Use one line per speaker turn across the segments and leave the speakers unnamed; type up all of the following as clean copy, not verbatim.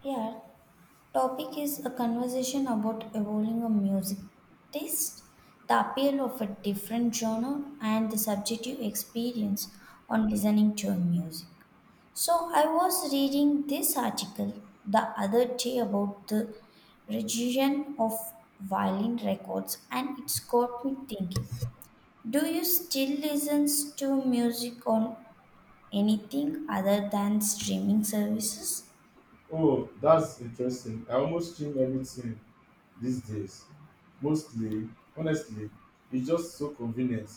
Here, topic is a conversation about evolving a music taste, the appeal of a different genre, and the subjective experience on listening to a music. So, I was reading this article the other day about the region of violin records, and it's got me thinking. Do you still listen to music on anything other than streaming services?
Oh, that's interesting. I almost stream everything these days. Mostly, honestly, it's just so convenient,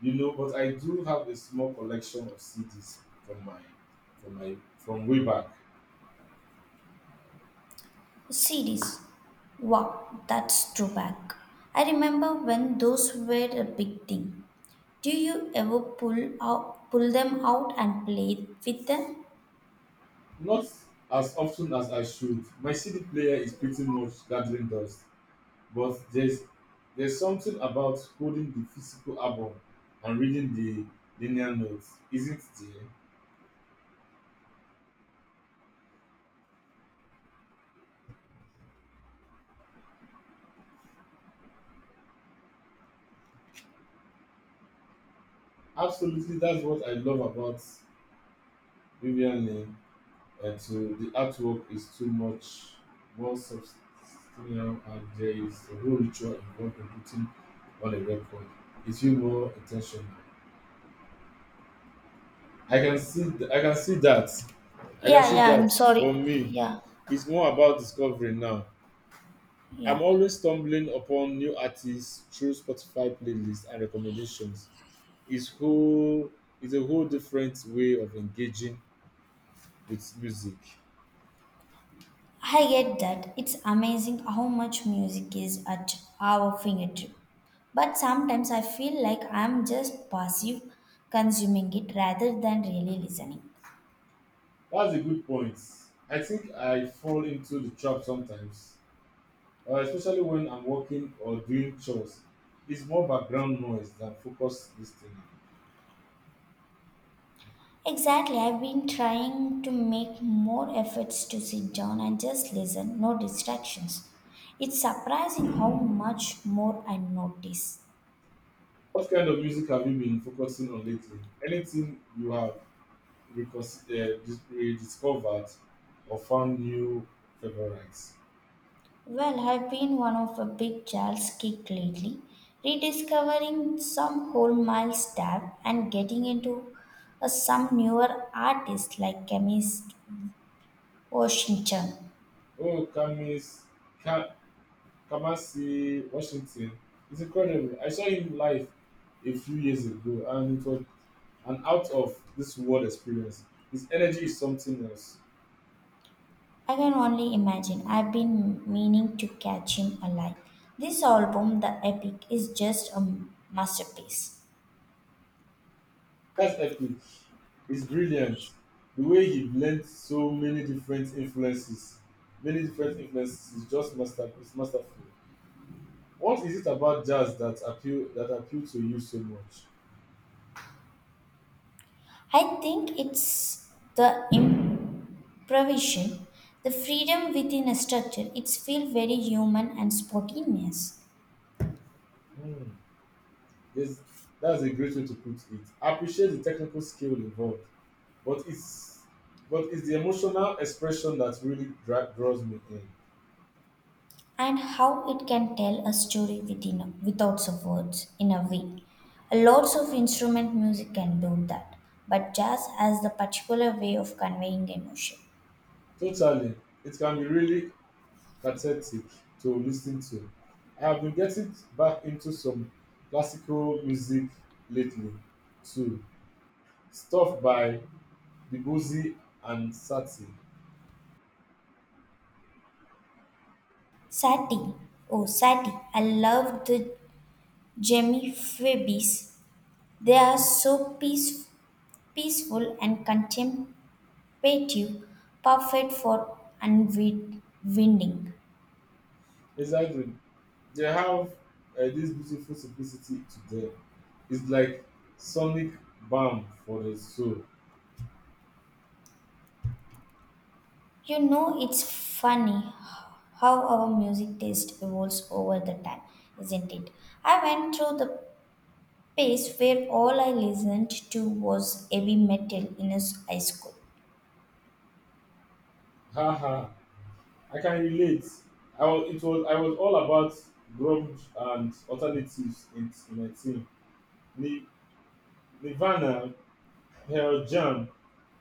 But I do have a small collection of CDs from way back.
CDs. Wow, that's true back. I remember when those were a big thing. Do you ever pull them out and play with them?
Not as often as I should. My CD player is pretty much gathering dust, but there's something about holding the physical album and reading the linear notes, isn't there? Absolutely, that's what I love about Vivian Lee. And so the artwork is too much more substantial, and there is a whole ritual involved in putting on a record. It feels more intentional. I can see that. I can
Yeah,
see
yeah,
that
I'm sorry.
for me,
Yeah.
it's more about discovery now.
Yeah,
I'm always stumbling upon new artists through Spotify playlists and recommendations. It's whole, it's a whole different way of engaging with music.
I get that. It's amazing how much music is at our fingertip. But sometimes I feel like I'm just passive consuming it rather than really listening.
That's a good point. I think I fall into the trap sometimes, especially when I'm working or doing chores. It's more background noise than focused listening.
Exactly. I've been trying to make more efforts to sit down and just listen, no distractions. It's surprising how much more I notice.
What kind of music have you been focusing on lately? Anything you have rediscovered or found new favorites?
Well, I've been one of a big Charles kick lately, rediscovering some whole mile stab and getting into some newer artists like chemist Ocean Chan.
Oh, Camis, Kamasi Washington it's incredible. I saw him live a few years ago and it was an out of this world experience. His energy is something else.
I can only imagine. I've been meaning to catch him alive. This album, The Epic, is just a masterpiece.
That's epic. It's brilliant. The way he blends so many different influences is just master it's masterful. What is it about jazz that appeal to you so much?
I think it's the improvisation, the freedom within a structure. It's feel very human and spontaneous,
Hmm. Yes, that's a great way to put it. I appreciate the technical skill involved but it's but it's the emotional expression that really draws me in.
and how it can tell a story within without some words in a way. Lots of instrument music can do that, but jazz has the particular way of conveying emotion.
Totally, it can be really cathartic to listen to. I have been getting back into some classical music lately, too. Stuff by Debussy and Satie.
Satie. Oh, Satie. I love the Jemmy Fibbies. They are so peaceful and contemplative, perfect for unwinding.
Exactly, they have this beautiful simplicity to them. It's like sonic balm for the soul.
You know, it's funny how our music taste evolves over the time, isn't it? I went through the phase where all I listened to was heavy metal in his high school.
Haha. I can relate. I was all about grunge and alternatives in my team. Ni- Nirvana, Pearl Jam,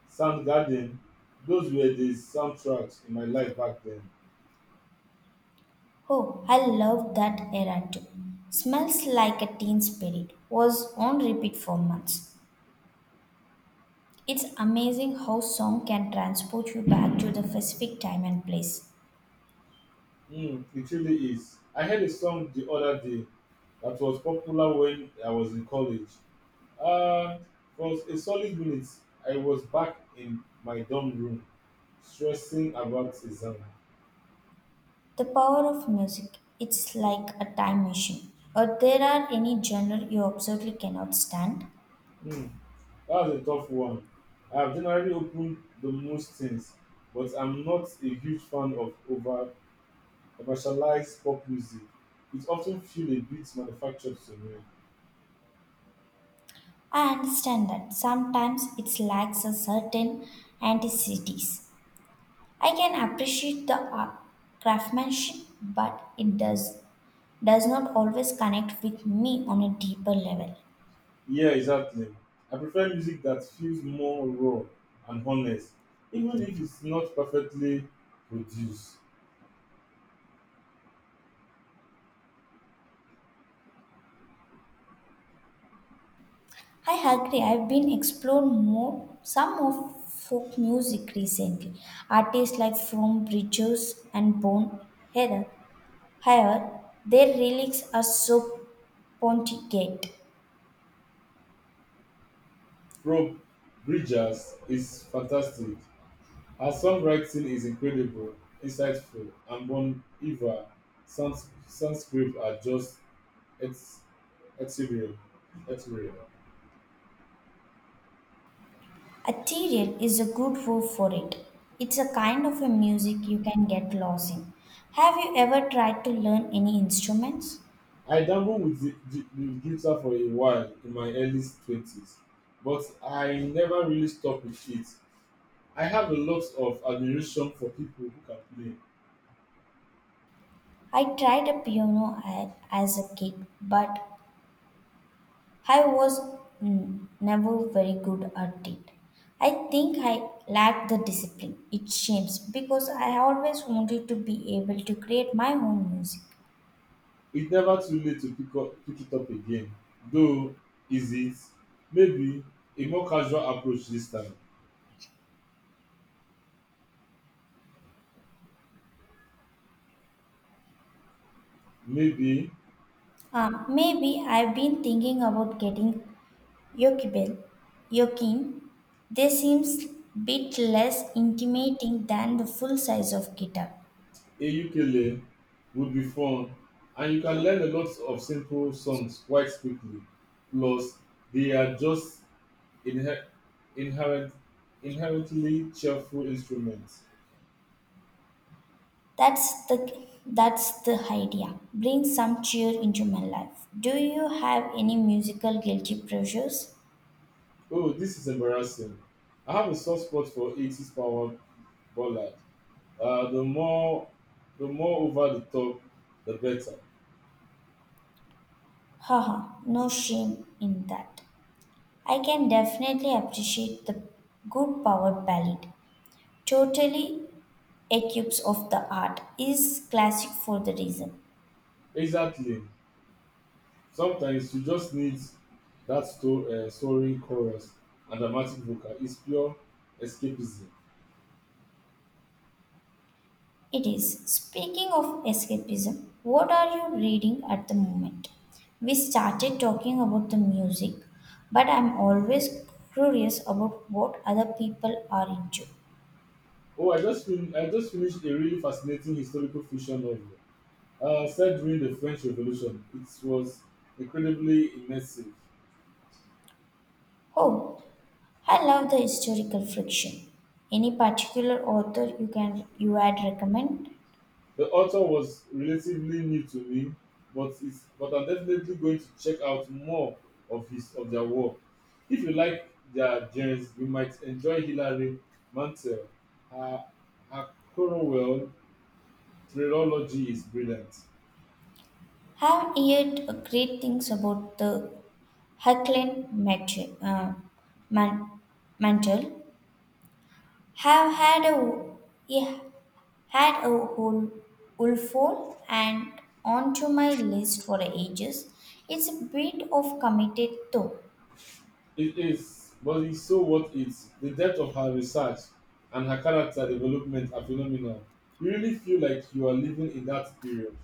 Soundgarden, those were the soundtracks in my life back then.
Oh, I loved that era too. Smells Like a Teen Spirit was on repeat for months. It's amazing how song can transport you back to the specific time and place.
Mm, it really is. I heard a song the other day that was popular when I was in college. Uh, for a solid minute, I was back in my dorm room, stressing about exam.
The power of music, it's like a time machine. Or there are any genre you absolutely cannot stand.
Hmm. That's a tough one. I have generally opened the most things, but I'm not a huge fan of over commercialized pop music. It often feels a bit manufactured to me.
I understand that sometimes it lacks a certain anticities. I can appreciate the art craftsmanship, but it does not always connect with me on a deeper level.
Yeah, exactly. I prefer music that feels more raw and honest, even if it's not perfectly produced.
I agree. I've been explored more some of folk music recently. Artists like From Bridges and Bone Heather. However, their lyrics are so pontificate.
Rob Bridges is fantastic. Her songwriting is incredible, insightful, and Bon Iver sounds soundscript are just it's That's real. That's real.
Ethereal is a good word for it. It's a kind of a music you can get lost in. Have you ever tried to learn any instruments?
I dabbled with the guitar for a while in my early 20s, but I never really stuck with it. I have a lot of admiration for people who can play.
I tried a piano as a kid, but I was never very good at it. I think I lacked the discipline. It shames because I always wanted to be able to create my own music.
It's never too late to pick it up again. Though, is it? Maybe a more casual approach this time. Maybe
Maybe I've been thinking about getting Jochebed, Yokin, they seems bit less intimidating than the full size of guitar.
a ukulele would be fun, and you can learn a lot of simple songs quite quickly. Plus, they are just Inher- inherent- inherently cheerful instruments.
That's the idea. Bring some cheer into my life. Do you have any musical guilty pleasures?
Oh, this is embarrassing. I have a soft spot for 80s power ballad. Uh, the more the more over the top, the better.
Haha, no shame in that. I can definitely appreciate the good power ballad. Totally a cubes of the art is classic for the reason.
Exactly. Sometimes you just need that soaring chorus and dramatic vocal. It's pure escapism.
It is. Speaking of escapism, what are you reading at the moment? We started talking about the music, but I'm always curious about what other people are into.
Oh, I just finished a really fascinating historical fiction novel. Set during the French Revolution. It was incredibly immersive.
Oh, I love the historical fiction. Any particular author you had recommend?
The author was relatively new to me, but I'm definitely going to check out more of their work. If you like their genres, you might enjoy Hilary Mantel. Her her Cornwell trilogy is brilliant.
Have heard great things about the Hackland uh, Mantle. Have had a yeah Had a whole Ulfo and onto my list for ages. It's a bit of committed though.
It is, but it's so worth it. The depth of her research and her character development are phenomenal. You really feel like you are living in that period.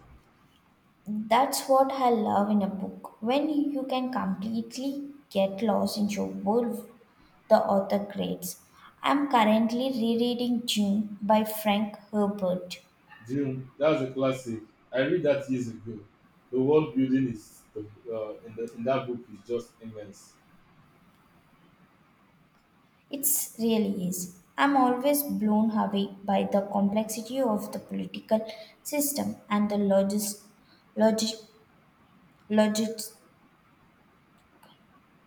That's what I love in a book. When you can completely get lost in your world the author creates. I'm currently rereading June by Frank Herbert.
Dune, that's a classic. I read that years ago. The world building is in that book is just immense.
It's really is. I'm always blown away by the complexity of the political system and the logist,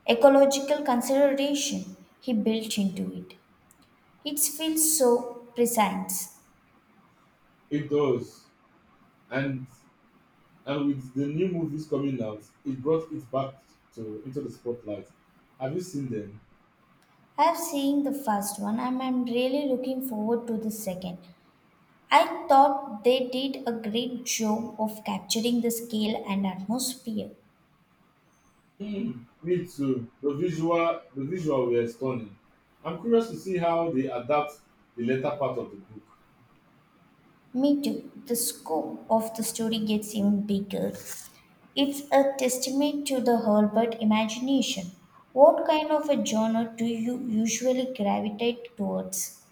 ecological consideration he built into it. It feels so prescient.
It does, and and with the new movies coming out, it brought it back to into the spotlight. Have you seen them?
I've seen the first one and I'm really looking forward to the second. I thought they did a great job of capturing the scale and atmosphere.
Mm. Me too. The visual were stunning. I'm curious to see how they adapt the later part of the book.
Me too. The scope of the story gets even bigger. It's a testament to the Herbert imagination. What kind of a genre do you usually gravitate towards?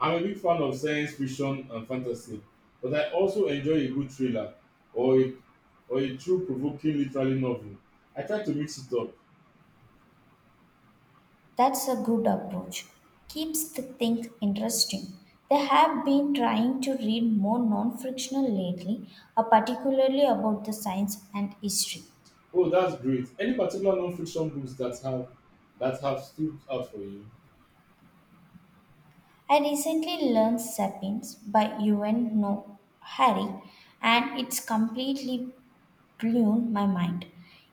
I'm a big fan of science fiction and fantasy, but I also enjoy a good thriller or a, or a thought provoking literary novel. I try to mix it up.
That's a good approach. Keeps the thing interesting. They have been trying to read more non fictional lately, particularly about the science and history.
Oh, that's great. Any particular non-fiction books that have stood out for you?
I recently learned Sapiens by Yuval Noah Harari, and it's completely blown my mind.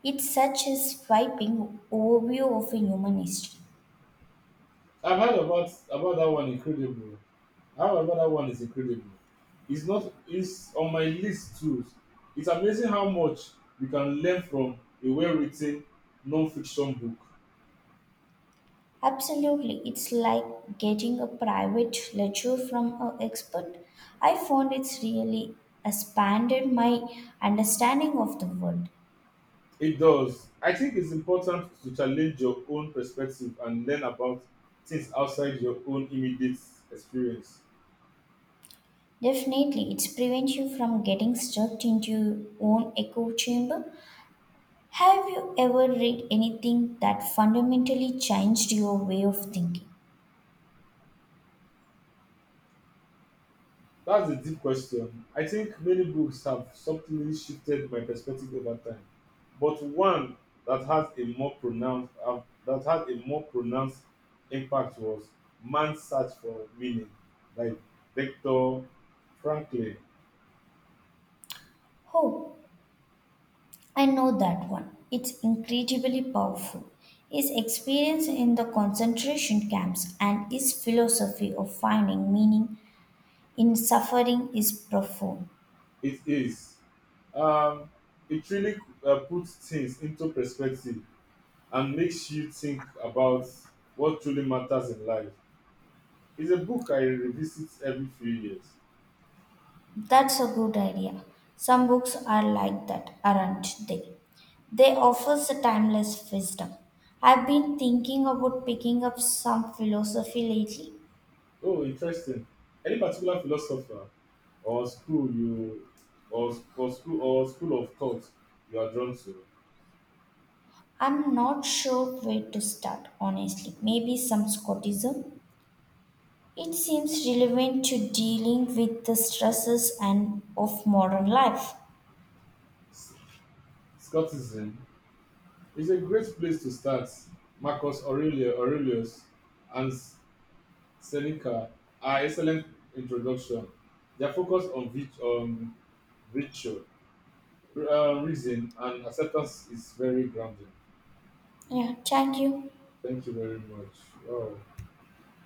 It's such a sweeping overview of human history.
I've heard about that one incredible. However, that one is incredible. It's not. It's on my list too. It's amazing how much you can learn from a well-written non-fiction book.
Absolutely, it's like getting a private lecture from an expert. I found it's really expanded my understanding of the world.
It does. I think it's important to challenge your own perspective and learn about things outside your own immediate experience.
Definitely, it's prevents you from getting stuck into your own echo chamber. Have you ever read anything that fundamentally changed your way of thinking?
That's a deep question. I think many books have subtly shifted my perspective over time, but one that has a more pronounced that had a more pronounced impact was Man's Search for Meaning by Victor Franklin.
Oh, I know that one. It's incredibly powerful. His experience in the concentration camps and his philosophy of finding meaning in suffering is profound.
It is. Um, it really puts things into perspective and makes you think about what truly matters in life. It's a book I revisit every few years.
That's a good idea. Some books are like that, aren't they? They offer a timeless wisdom. I've been thinking about picking up some philosophy lately.
Oh, interesting. Any particular philosopher or school you or school of thought you are drawn to?
I'm not sure where to start, honestly. Maybe some Scottism? It seems relevant to dealing with the stresses and of modern life.
S- Scoticism is a great place to start. Aurelius and Seneca are excellent introduction. Their focus on, virtue, reason, and acceptance is very grounding.
Yeah, thank you.
Thank you very much. Wow.